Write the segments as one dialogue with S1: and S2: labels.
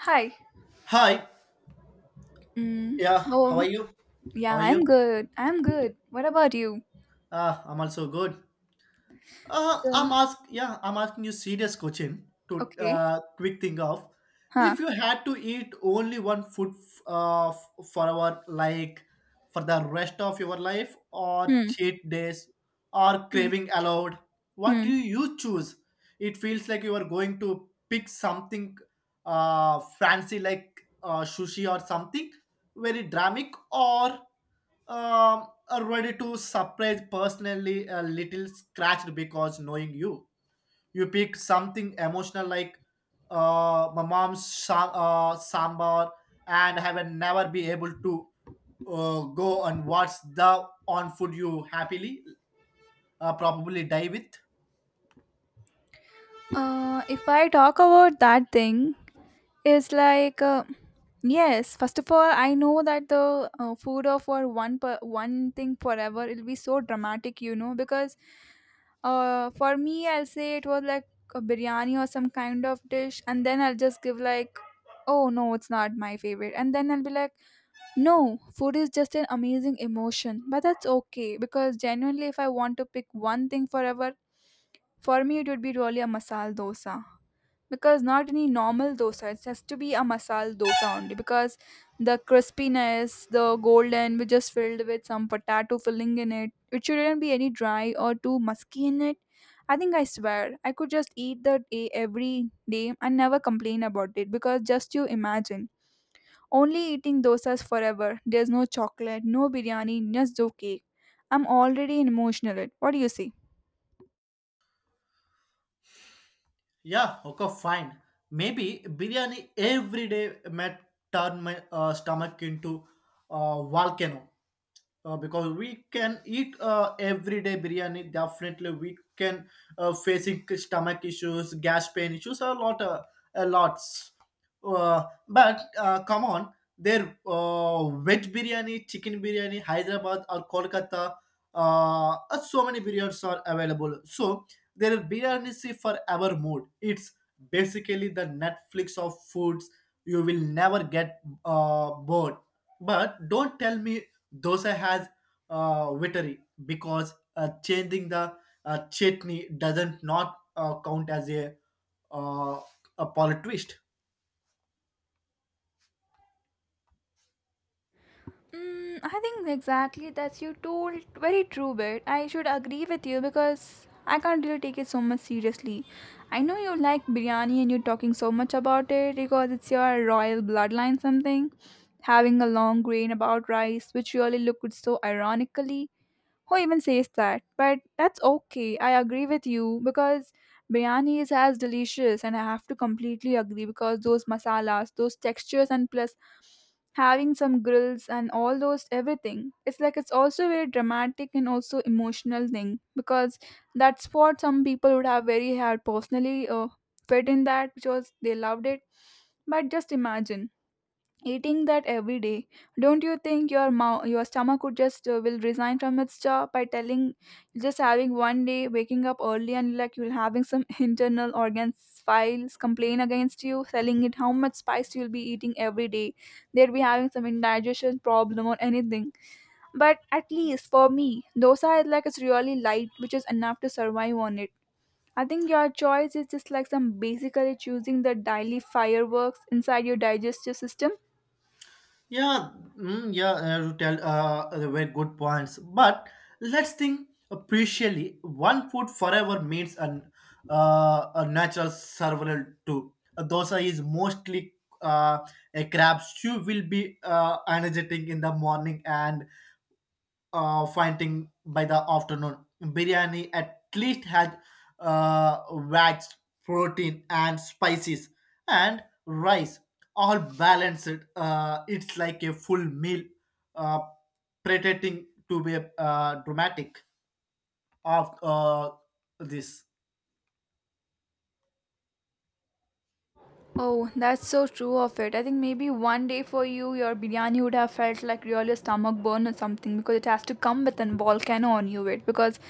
S1: Hi.
S2: Hi.
S1: Mm,
S2: Yeah. How are
S1: oh,
S2: you? How
S1: yeah,
S2: are
S1: I'm
S2: you?
S1: good. I'm good. What about you?
S2: I'm also good.
S1: So,
S2: I'm ask. Yeah, I'm asking you serious question to
S1: okay.
S2: quick think of.
S1: Huh.
S2: If you had to eat only one food for our like for the rest of your life, or
S1: Hmm.
S2: cheat days, or
S1: Hmm.
S2: craving allowed, what do
S1: Hmm.
S2: you choose? It feels like you are going to pick something fancy like sushi or something very dramatic or are ready to surprise personally a little scratched because knowing you you pick something emotional like uh, my mom's sa- sambar and have never be able to go and watch the on food you happily probably die with.
S1: If I talk about that thing, it's like yes. First of all, I know that the food of for one thing forever it'll be so dramatic, you know, because for me, I'll say it was like a biryani or some kind of dish, and then I'll just give like, oh no, it's not my favorite, and then I'll be like no, food is just an amazing emotion, but that's okay because genuinely, if I want to pick one thing forever, for me it would be really a masala dosa. Because not any normal dosa, it has to be a masala dosa only. Because the crispiness, the golden, we just filled with some potato filling in it, it shouldn't be any dry or too musky in it. I think I swear I could just eat that every day and never complain about it because just you imagine only eating dosas forever. There's no chocolate, no biryani, just do cake. I'm already emotional. What do you say?
S2: Yeah, okay, fine. Maybe biryani every day might turn my stomach into a volcano, because we can eat everyday biryani definitely we can facing stomach issues, gas pain issues a lot, a lots. Uh, but come on, their veg biryani, chicken biryani, hyderabad or kolkata, so many biryanis are available. So there are biryanis for our mood. It's basically the Netflix of foods. You will never get bored. But don't tell me dosa has victory, because changing the chutney doesn't not count as uh, a plot twist.
S1: Mm, I think exactly that's you told very true bit. I should agree with you because I can't really take it so much seriously. I know you like biryani and you're talking so much about it because it's your royal bloodline something. Having a long grain about rice, which really looked so ironically, who even says that? But that's okay. I agree with you because biryani is as delicious, and I have to completely agree because those masalas, those textures, and plus having some grills and all those everything. It's like it's also very dramatic and also emotional thing because that's what some people would have very had personally fit in that because they loved it. But just imagine. Eating that every day, don't you think your mouth, your stomach would just will resign from its job by telling just having one day waking up early and like you'll having some internal organs files complain against you, telling it how much spice you'll be eating every day. They'll be having some indigestion problem or anything. But at least for me, dosa is like it's really light, which is enough to survive on it. I think your choice is just like some basically choosing the daily fireworks inside your digestive system.
S2: Yeah, mm, yeah, you tell very good points. But let's think appreciably. One food forever means an a natural survival too. A dosa is mostly uh, a crab stew. Will be energetic in the morning and fighting by the afternoon. Biryani at least had wax, protein, and spices, and rice all balanced. It's like a full meal, uh, pretending to be dramatic of this.
S1: Oh, that's so true of it. I think maybe one day for you, your biryani would have felt like really a stomach burn or something because it has to come with an volcano on you. It because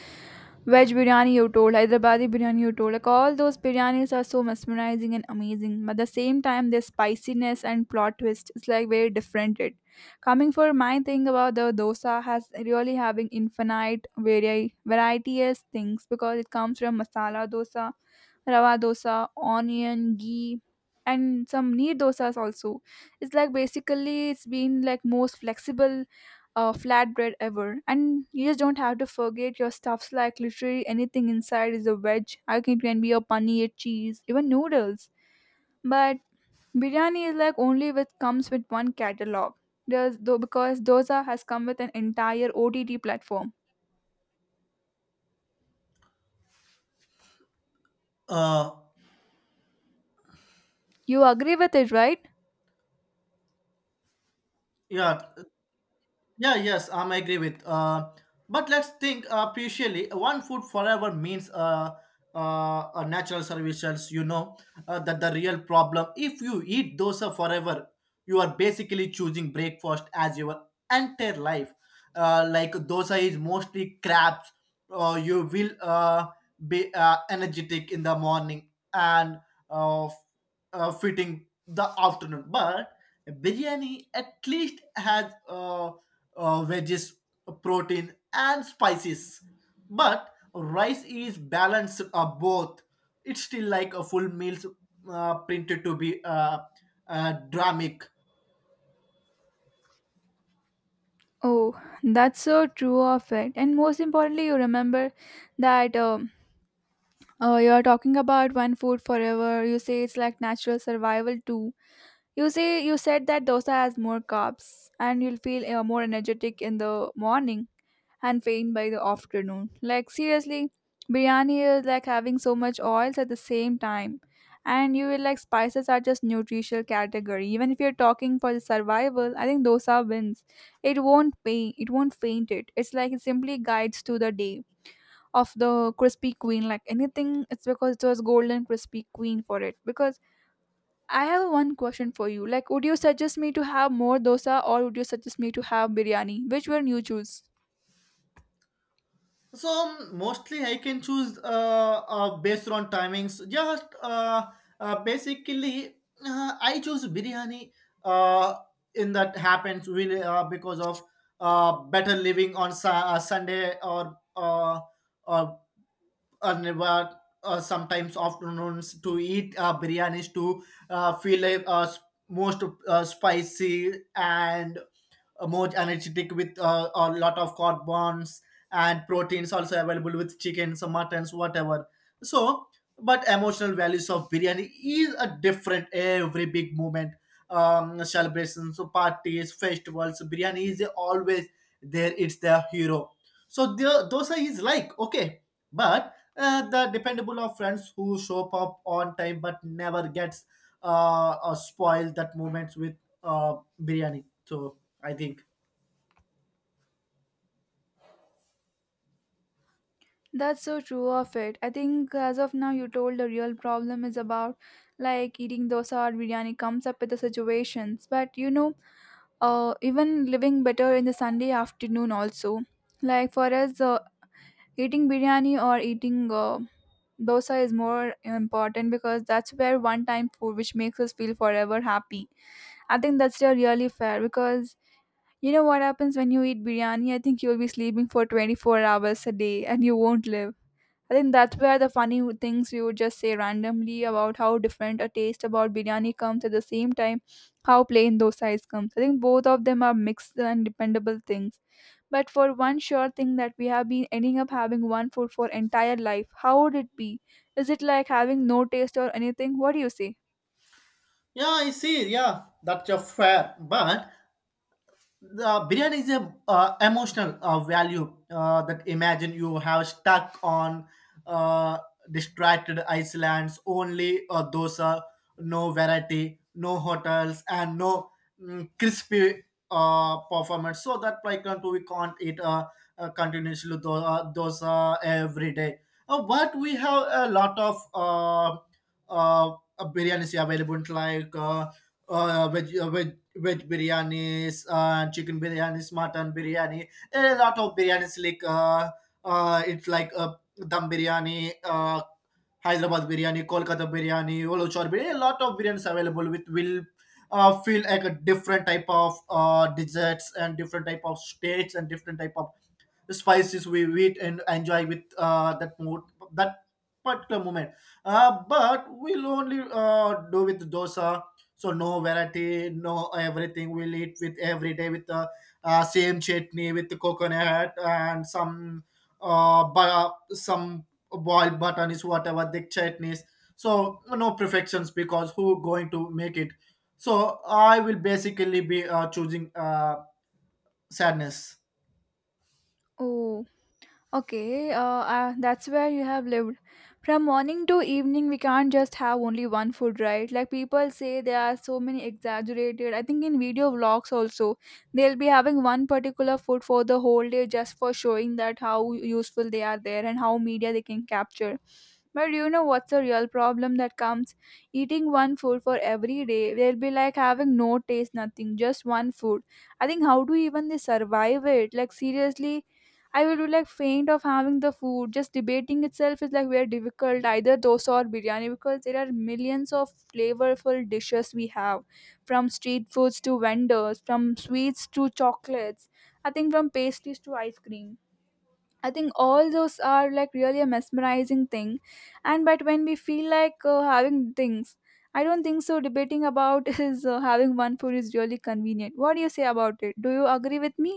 S1: veg biryani you told, Hyderabadi biryani you told, like all those biryanis are so mesmerizing and amazing. But at the same time, their spiciness and plot twist is like very different. It coming for my thing about the dosa has really having infinite variety as things because it comes from masala dosa, rava dosa, onion, ghee, and some neer dosas also. It's like basically it's been like most flexible flatbread ever. And you just don't have to forget your stuffs like literally anything inside is a veg. I think it can be a paneer, cheese, even noodles. But biryani is like only which comes with one catalog. There's though because dosa has come with an entire OTT platform.
S2: Uh,
S1: You agree with it, right?
S2: yeah, yeah, yes, I'm agree with. But let's think appreciably. One food forever means natural services. You know that the real problem. If you eat dosa forever, you are basically choosing breakfast as your entire life. Like dosa is mostly crabs. You will be energetic in the morning and uh, f- fitting the afternoon. But biryani at least has. Veggies, protein, and spices. But rice is balanced both. It's still like a full meal printed to be dramatic.
S1: Oh, that's so true of it. And most importantly, you remember that you're talking about one food forever. You say it's like natural survival too. You say you said that dosa has more carbs, and you'll feel more energetic in the morning and faint by the afternoon. Like seriously, biryani is like having so much oils at the same time. And you will like spices are just nutritional category. Even if you're talking for the survival, I think dosa wins. It won't pain, it won't faint it. It's like it simply guides to the day of the crispy queen. Like anything, it's because it was golden crispy queen for it. Because I have one question for you. Like, would you suggest me to have more dosa or would you suggest me to have biryani? Which one you choose?
S2: So mostly I can choose based on timings. Just basically I choose biryani uh, in that happens really because of better living on Sunday or or or never, sometimes afternoons to eat biryanis to feel like most spicy and more energetic with a lot of carbons and proteins also available with chickens or muttons whatever. So, but emotional values of biryani is a different every big moment, celebrations, parties, festivals, biryani is always there. It's the hero. So the, those are his like okay, but the dependable of friends who show up on time but never gets spoiled that moments with uh biryani. So I think,
S1: That's so true of it. I think as of now, you told the real problem is about like eating dosa or biryani comes up with the situations. But you know, even living better in the Sunday afternoon also. Like for us, eating biryani or eating dosa is more important because that's where one time food which makes us feel forever happy. I think that's the really fair because you know what happens when you eat biryani? I think you'll be sleeping for 24 hours a day and you won't live. I think that's where the funny things we would just say randomly about how different a taste about biryani comes at the same time, how plain dosais comes. I think both of them are mixed and dependable things. But for one sure thing that we have been ending up having one food for entire life, how would it be? Is it like having no taste or anything? What do you say?
S2: yeah, I see. Yeah, that's a fair. But the biryani is a emotional value, that imagine you have stuck on uh, distracted Iceland's, only dosa, no variety, no hotels, and no crispy performance. So that like we can't eat continuously dosa every day. But we have a lot of biryanis available, like. Uh, veg biryanis, chicken biryanis, mutton biryani. There are a lot of biryanis like it's like dum biryani, Hyderabad biryani, Kolkata biryani, Olochar biryani, a lot of biryanis available which will feel like a different type of desserts, and different type of states, and different type of spices we eat and enjoy with that mood, that particular moment. But we'll only do with dosa. So no variety, no everything. We'll eat with every day with the same chutney with the coconut, and some but some boiled button is whatever the chutneys. So no perfections, because who going to make it? So I will basically be choosing sadness.
S1: Oh, Okay, that's where you have lived. From morning to evening, we can't just have only one food, right? Like people say, there are so many exaggerated. I think in video vlogs also, they'll be having one particular food for the whole day just for showing that how useful they are there and how media they can capture. But do you know what's the real problem that comes? Eating one food for every day, they'll be like having no taste, nothing, just one food. I think how do even they survive it? Like seriously, I will be like faint of having the food. Just debating itself is like very difficult, either dosa or biryani, because there are millions of flavorful dishes we have, from street foods to vendors, from sweets to chocolates. I think from pastries to ice cream. I think all those are like really a mesmerizing thing, and but when we feel like having things, I don't think so. Debating about is having one food is really convenient. What do you say about it? Do you agree with me?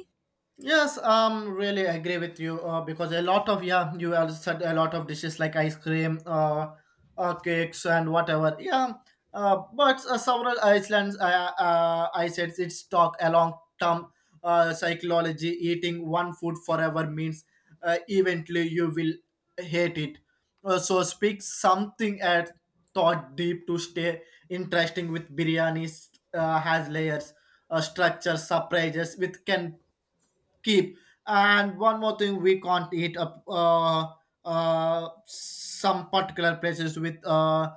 S2: Yes, really agree with you because a lot of yeah, you have said a lot of dishes like ice cream, cakes and whatever. Yeah, but several Icelands, I said it's talk a long term psychology. Eating one food forever means eventually you will hate it. So speak something at thought deep to stay interesting with biryanis has layers, structure, surprises with can keep. And one more thing, we can't eat up some particular places with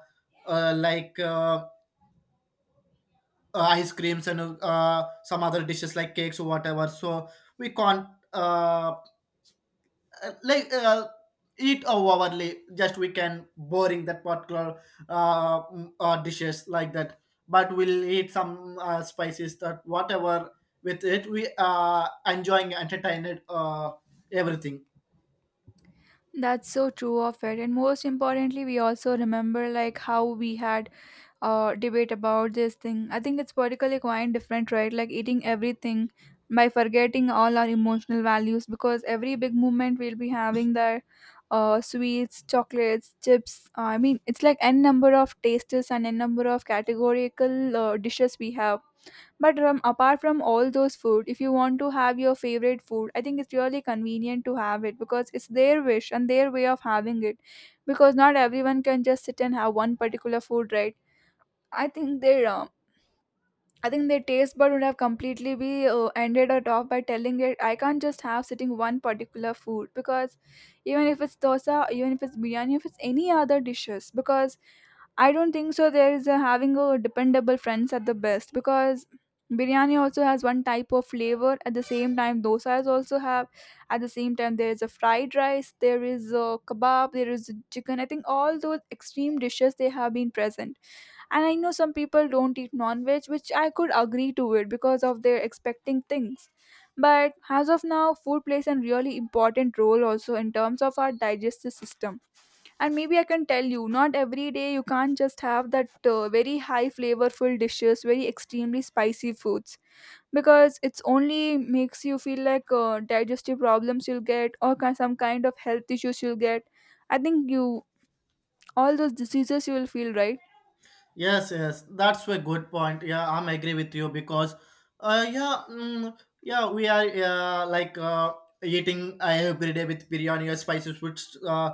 S2: uh, like uh, ice creams and some other dishes like cakes or whatever. So we can't uh, like uh, eat overly. Just we can boring that particular dishes like that. But we'll eat some spices that whatever with it we enjoying entertained everything.
S1: That's so true of it. And most importantly, we also remember like how we had a debate about this thing. I think it's particularly quite different, right? Like eating everything by forgetting all our emotional values because every big movement we'll be having there sweets, chocolates, chips. I mean, it's like n number of tastes and n number of categorical dishes we have but apart from all those food, if you want to have your favorite food, I think it's really convenient to have it because it's their wish and their way of having it. Because not everyone can just sit and have one particular food, right? I think their um, I think their taste bud would have completely be ended or off by telling it I can't just have sitting one particular food because even if it's dosa, even if it's biryani, if it's any other dishes, because I don't think so. There is a, having a dependable friends at the best because biryani also has one type of flavor. At the same time, dosas also have. At the same time, there is a fried rice, there is a kebab, there is a chicken. I think all those extreme dishes they have been present. And I know some people don't eat non-veg, which I could agree to it because of their expecting things. But as of now, food plays a really important role also in terms of our digestive system and maybe I can tell you, not every day you can't just have that very high flavorful dishes, very extremely spicy foods because it's only makes you feel like digestive problems you'll get or some kind of health issues you'll get. I think you all those diseases you will feel right.
S2: Yes, yes, that's a good point. Yeah, I'm agree with you because, uh, yeah, mm, yeah, we are eating every day with biryani or spicy foods.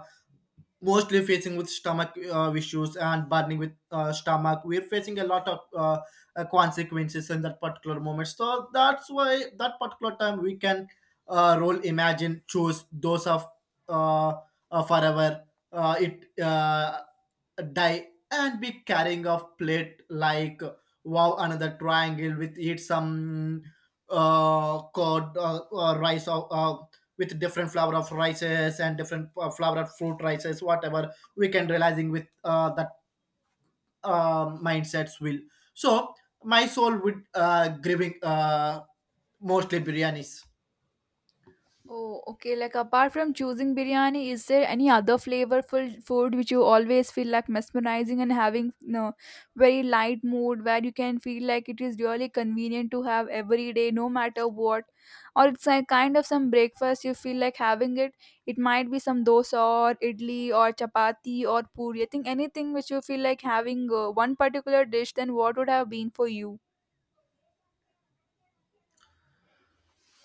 S2: Mostly facing with stomach issues and burning with stomach, we're facing a lot of consequences in that particular moment. So that's why that particular time we can role imagine choose those of uh, forever it die and be carrying off plate like wow another triangle with eat some cod rice, or with different flower of rices and different flower of fruit rices whatever, we can realizing with that mindsets will. So my soul would grieving mostly biryanis.
S1: Oh, okay. Like apart from choosing biryani, is there any other flavorful food which you always feel like mesmerizing and having no very light mood where you can feel like it is really convenient to have every day, no matter what, or it's like kind of some breakfast you feel like having it. It might be some dosa or idli or chapati or puri. I think anything which you feel like having one particular dish, then what would have been for you?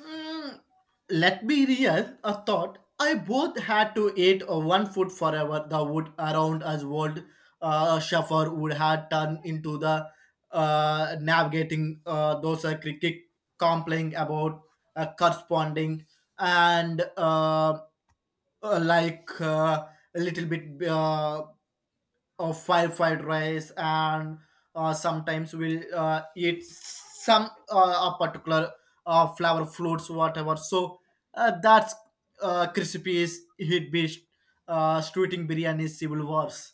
S2: Mm, let me real a thought. I both had to eat one food forever. The wood around us world shuffle would have turned into the navigating those cricket complaining about corresponding, and uh, like uh, a little bit of fire fried rice, and sometimes we'll eat some a particular flower fruits whatever. So that's crispy is hit based streeting biryani civil wars.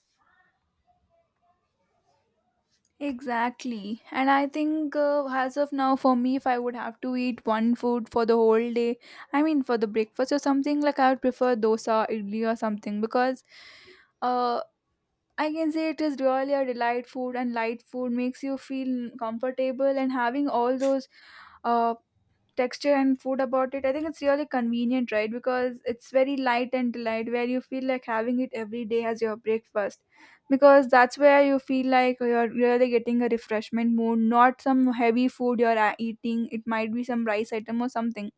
S1: Exactly. And I think, as of now, for me, if I would have to eat one food for the whole day, I mean, for the breakfast or something, like I would prefer dosa, idli, or something because uh, I can say it is really a delight food, and light food makes you feel comfortable. And having all those uh, texture and food about it, I think it's really convenient, right? Because it's very light and delight, where you feel like having it every day as your breakfast, because that's where you feel like you're really getting a refreshment mood, not some heavy food. You're eating, it might be some rice item or something.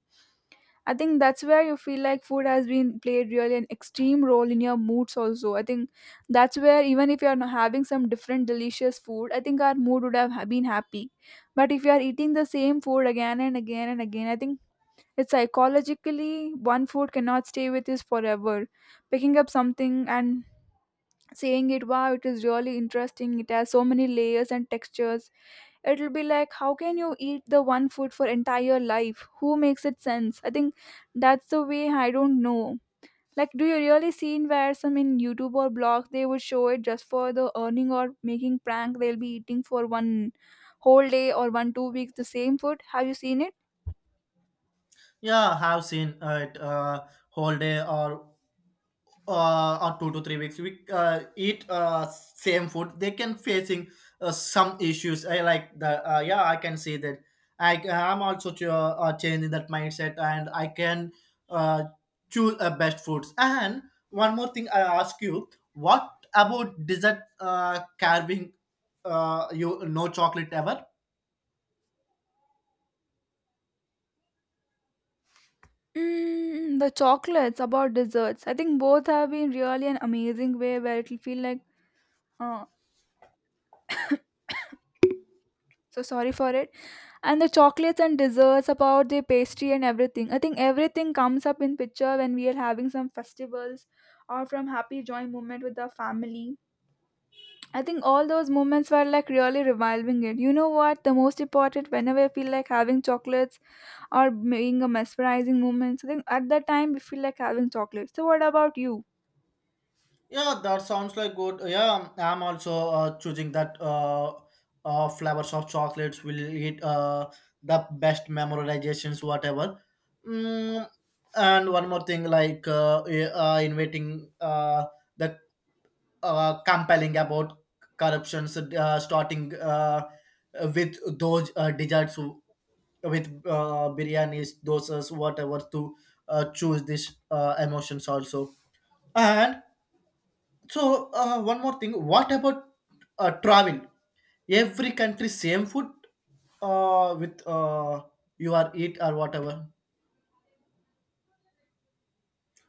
S1: I think that's where you feel like food has been played really an extreme role in your moods also. I think that's where, even if you're not having some different delicious food, I think our mood would have been happy. But if you are eating the same food again and again, I think it's psychologically one food cannot stay with us forever. Picking up something and saying it, wow, it is really interesting. It has so many layers and textures. It'll be like, how can you eat the one food for entire life? Who makes it sense? I think that's the way, I don't know. Like, do you really seen where some in YouTube or blogs they would show it just for the earning or making prank? They'll be eating for one whole day or 1 2 weeks the same food. Have you seen it?
S2: Yeah, I have seen it, whole day or 2 to 3 weeks we eat same food they can facing some issues. I like the yeah, I can see that. I am also to, changing that mindset, and I can uh, choose best foods. And one more thing, I ask you, what about dessert carving, you no chocolate ever?
S1: Mm, the chocolates about desserts. I think both have been really an amazing way where it'll feel like, uh, so sorry for it. And the chocolates and desserts about the pastry and everything, I think everything comes up in picture when we are having some festivals or from happy joy moment with our family. I think all those moments were like really reviving it. You know what? The most important, whenever I feel like having chocolates or being a mesmerizing moment, so I think at that time we feel like having chocolates. So what about you?
S2: Yeah, that sounds like good. Yeah, I'm also choosing that flavors of chocolates will eat the best memorizations, whatever. Mm, and one more thing, like yeah, inviting the compelling about corruptions, starting with those desserts with biryanis, dosas, whatever, to choose these emotions also. And so one more thing. What about travel? Every country same food with you are eat or whatever,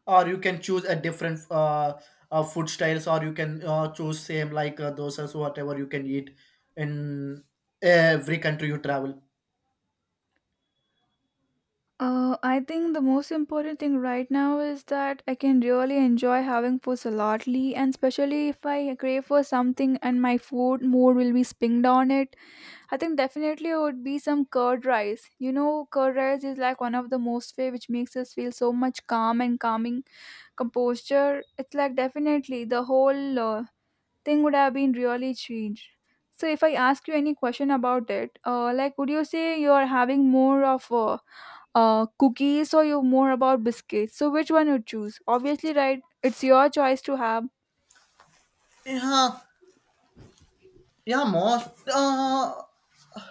S2: or you can choose a different food styles, or you can choose same like dosas whatever you can eat in every country you travel.
S1: I think the most important thing right now is that I can really enjoy having food saladly, and especially if I crave for something and my food more will be spinged on it. I think definitely it would be some curd rice. You know, curd rice is like one of the most way which makes us feel so much calm and calming composure. It's like definitely the whole thing would have been really changed. So if I ask you any question about it, like would you say you are having more of a cookies, or you more about biscuits? So which one you choose? Obviously, right? It's your choice to have.
S2: Yeah, yeah, most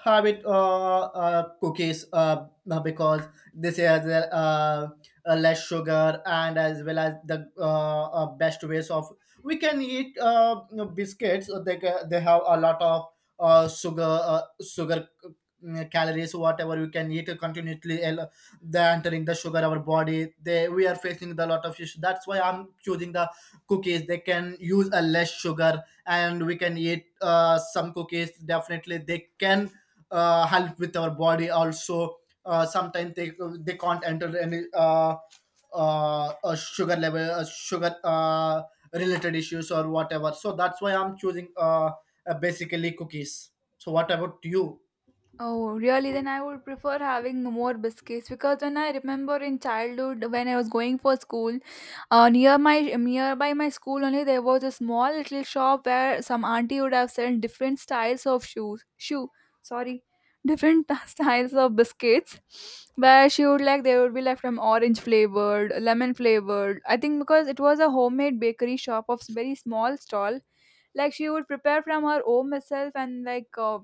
S2: habit cookies, because this has a, less sugar, and as well as the best ways of we can eat you know, biscuits they have a lot of sugar sugar calories whatever we can eat continuously. They entering the sugar our body, they we are facing the lot of issues. That's why I'm choosing the cookies, they can use a less sugar, and we can eat some cookies, definitely they can help with our body also. Sometimes they can't enter any sugar level sugar related issues or whatever. So that's why I'm choosing basically cookies. So what about you?
S1: Oh, really? Then I would prefer having more biscuits, because when I remember in childhood when I was going for school, near my nearby my school only, there was a small little shop where some auntie would have sold different styles of shoes, shoe, sorry, different styles of biscuits,
S2: Okay.
S1: where she would like, they would be like from orange flavored, lemon flavored. I think because it was a homemade bakery shop of s- very small stall, like she would prepare from her own herself and like.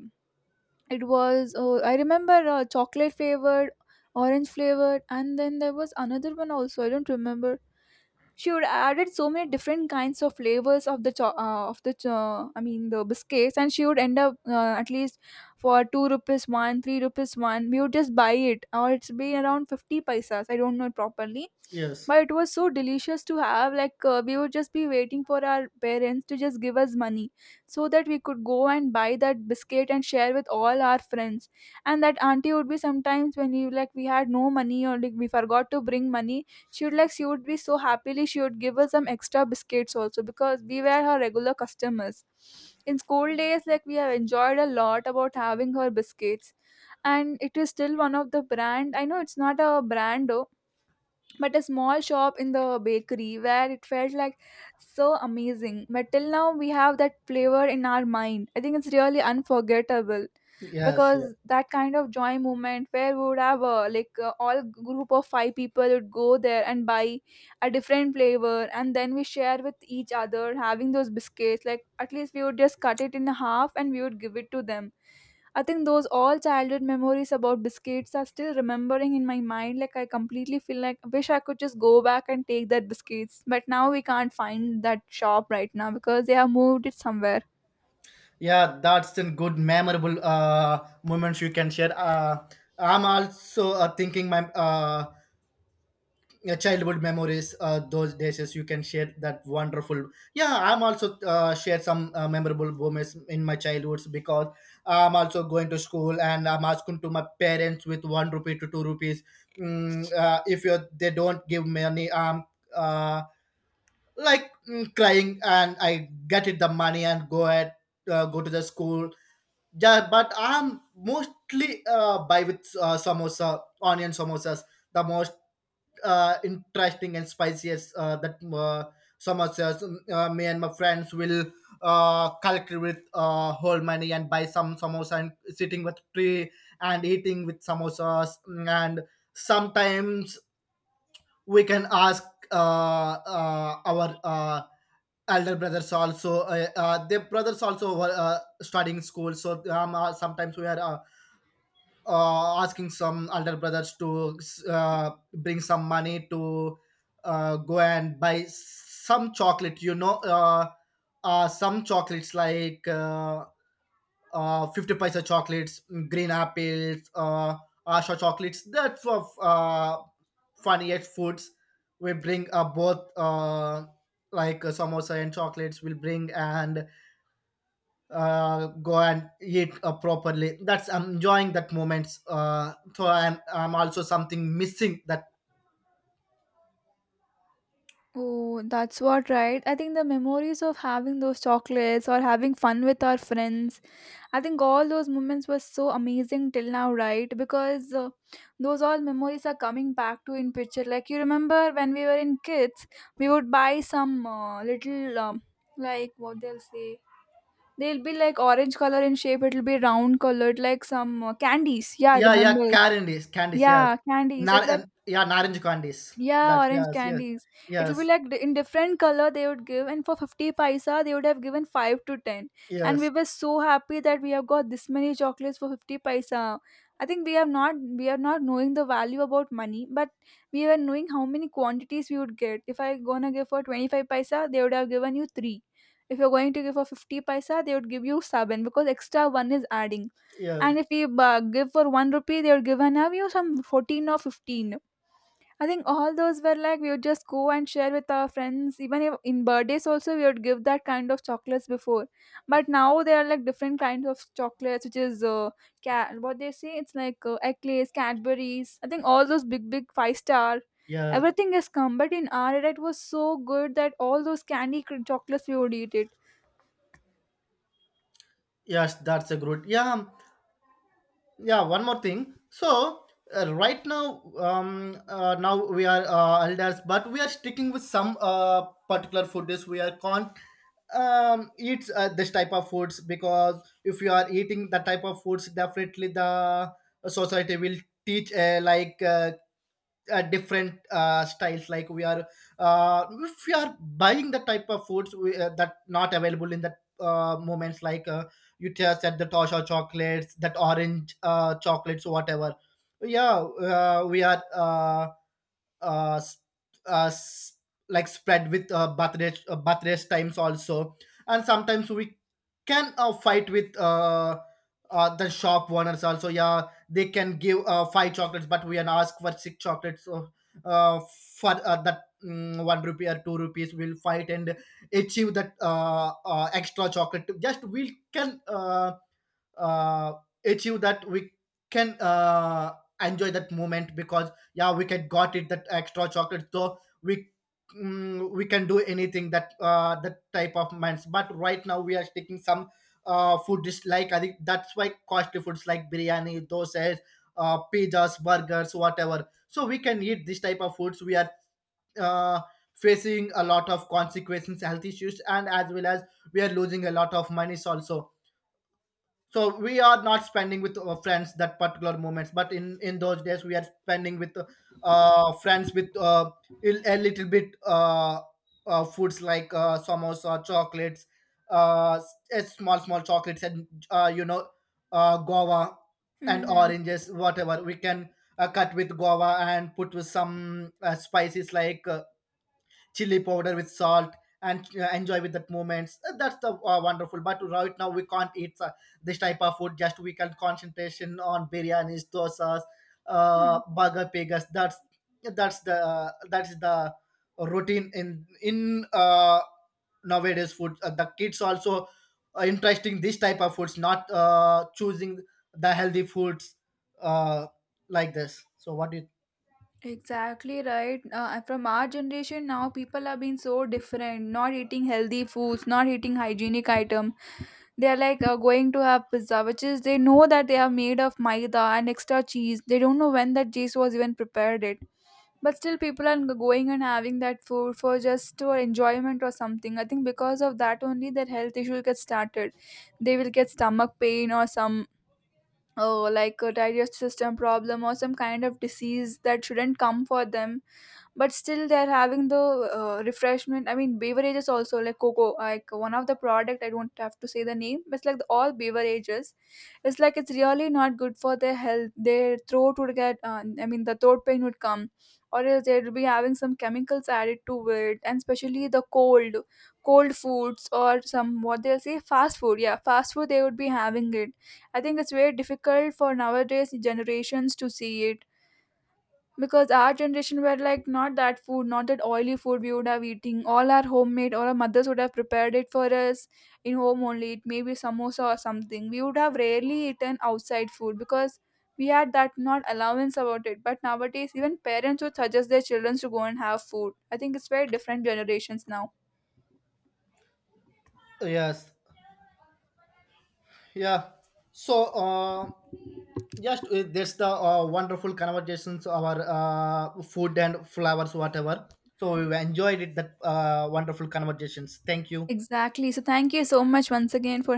S1: It was I remember chocolate flavored, orange flavored, and then there was another one also, I don't remember. She would added so many different kinds of flavors of the the biscuits, and she would end up at least for 2 rupees one, 3 rupees one, we would just buy it, or it's been around 50 paisas, I don't know it properly.
S2: Yes,
S1: But it was so delicious to have, like we would just be waiting for our parents to just give us money, so that we could go and buy that biscuit and share with all our friends. And that auntie would be, sometimes when you like we had no money or like we forgot to bring money, she would be so happily, she would give us some extra biscuits also, because we were her regular customers. In school days, like we have enjoyed a lot about having her biscuits, and it is still one of the brand, I know it's not a brand though, but a small shop in the bakery, where it felt like so amazing. But till now, we have that flavor in our mind. I think it's really unforgettable,
S2: yes, yeah,
S1: because that kind of joy moment where we would have a, like all group of five people would go there and buy a different flavor, and then we share with each other having those biscuits, like at least we would just cut it in half and we would give it to them. I think those all childhood memories about biscuits are still remembering in my mind. Like I completely feel like I wish I could just go back and take that biscuits. But now we can't find that shop right now because they have moved it somewhere.
S2: yeah, that's a good memorable moments you can share. I'm also thinking my your childhood memories, those days you can share that wonderful. Yeah, I'm also share some memorable moments in my childhoods, because I'm also going to school, and I'm asking to my parents with 1 rupee to 2 rupees. If you they don't give money, I'm uh, crying, and I get it the money and go at go to the school. Yeah, but I'm mostly buy with samosa, onion samosas, the most interesting and spicy as that samosas. Me and my friends will collect with whole money and buy some samosa and sitting with tree and eating with samosas. And sometimes we can ask our elder brothers also. Their brothers also were studying school, so sometimes we are asking some elder brothers to bring some money to go and buy some chocolate, some chocolates like 50 paisa chocolates, green apples, asha chocolates, that's of funny at foods. We bring both, like samosa and chocolates we'll bring and go and eat properly. That's I'm enjoying that moments. So I'm also something missing that.
S1: Oh, that's what, right. I think the memories of having those chocolates or having fun with our friends, I think all those moments were so amazing till now, right? Because those all memories are coming back to in picture. Like you remember when we were in kids, we would buy some little like what they'll say. They'll be like orange color in shape. It'll be round colored, like some candies. Yeah, I
S2: Yeah, yeah,
S1: remember.
S2: candies, candies, yes.
S1: Yeah, candies. It's like,
S2: Yeah, orange candies.
S1: yeah,
S2: That's
S1: orange
S2: yes, yes,
S1: candies. It'll be
S2: yes,
S1: like in different color they would give, and for 50 paisa, they would have given 5 to 10. And
S2: yes,
S1: we were so happy that we have got this many chocolates for 50 paisa. I think we have not we are not knowing the value about money, but we were knowing how many quantities we would get. If I gonna give for 25 paisa, they would have given you 3. If you're going to give for 50 paisa, they would give you 7, because extra 1 is adding.
S2: yeah,
S1: And if we give for 1 rupee, they would give and have you some 14 or 15. I think all those were like we would just go and share with our friends. Even if in birthdays also we would give that kind of chocolates before, but now there are like different kinds of chocolates, which is cat, what they say, it's like Eclays, Cadbury's. I think all those big, big five-star,
S2: yeah,
S1: everything has come. But in our era, it was so good that all those chocolates we would eat it.
S2: yes. That's a good. Yeah, yeah, one more thing. So right now, now we are elders, but we are sticking with some particular food dish we are can't eat this type of foods, because if you are eating that type of foods definitely the society will teach like different styles. Like we are if we are buying the type of foods we, that not available in that moments, like you just said, the tosha chocolates, that orange chocolates whatever. Yeah we are s- s- Like spread with bath race, bath race times also. And sometimes we can fight with the shop owners also. Yeah, they can give five chocolates, but we can ask for six chocolates uh for that, one rupee or two rupees we'll fight and achieve that extra chocolate. Just we can uh, achieve that, we can enjoy that moment, because yeah, we can got it that extra chocolate. So we, we can do anything that that type of minds. But right now we are taking some food dislike, I think. That's why costly foods like biryani, dosas, pizzas, burgers, whatever. So we can eat this type of foods, we are uh, facing a lot of consequences, health issues, and as well as we are losing a lot of monies also. So we are not spending with our friends that particular moments, but in those days we are spending with friends with a little bit foods like samosa, chocolates, small small chocolates, and guava and
S1: Mm-hmm.
S2: oranges, whatever. We can cut with guava and put with some spices like chili powder with salt, and enjoy with that moments. That's the wonderful. But right now we can't eat this type of food, just we can concentration on biryanis, dosas, burger, pigas. That's that's the that's the routine in nowadays food. The kids also interesting this type of foods, not choosing the healthy foods uh like this. So what it.
S1: Exactly right. From our generation now, people are being so different. Not eating healthy foods, not eating hygienic item. They are like going to have pizza, which is they know that they are made of maida and extra cheese. They don't know when that cheese was even prepared it. But still, people are going and having that food for just for enjoyment or something. I think because of that only, their health issue gets started. They will get stomach pain or some, oh, like a digestive system problem or some kind of disease that shouldn't come for them, but still they're having the refreshment, I mean beverages also, like cocoa, like one of the product, I don't have to say the name, but it's like the, all beverages, it's like it's really not good for their health. Their throat would get I mean the throat pain would come, or else they'll be having some chemicals added to it, and especially the cold, cold foods, or some what they'll say, fast food, yeah, fast food they would be having it. I think it's very difficult for nowadays generations to see it, because our generation were like not that food, not that oily food. We would have eating all our homemade, or our mothers would have prepared it for us in home only. It may be samosa or something, we would have rarely eaten outside food, because we had that not allowance about it. But nowadays even parents would suggest their children to go and have food. I think it's very different generations now.
S2: Yes. Yeah, so just that's the wonderful conversations, our food and flowers, whatever. So we enjoyed it, that wonderful conversations. Thank you.
S1: Exactly, so thank you so much once again for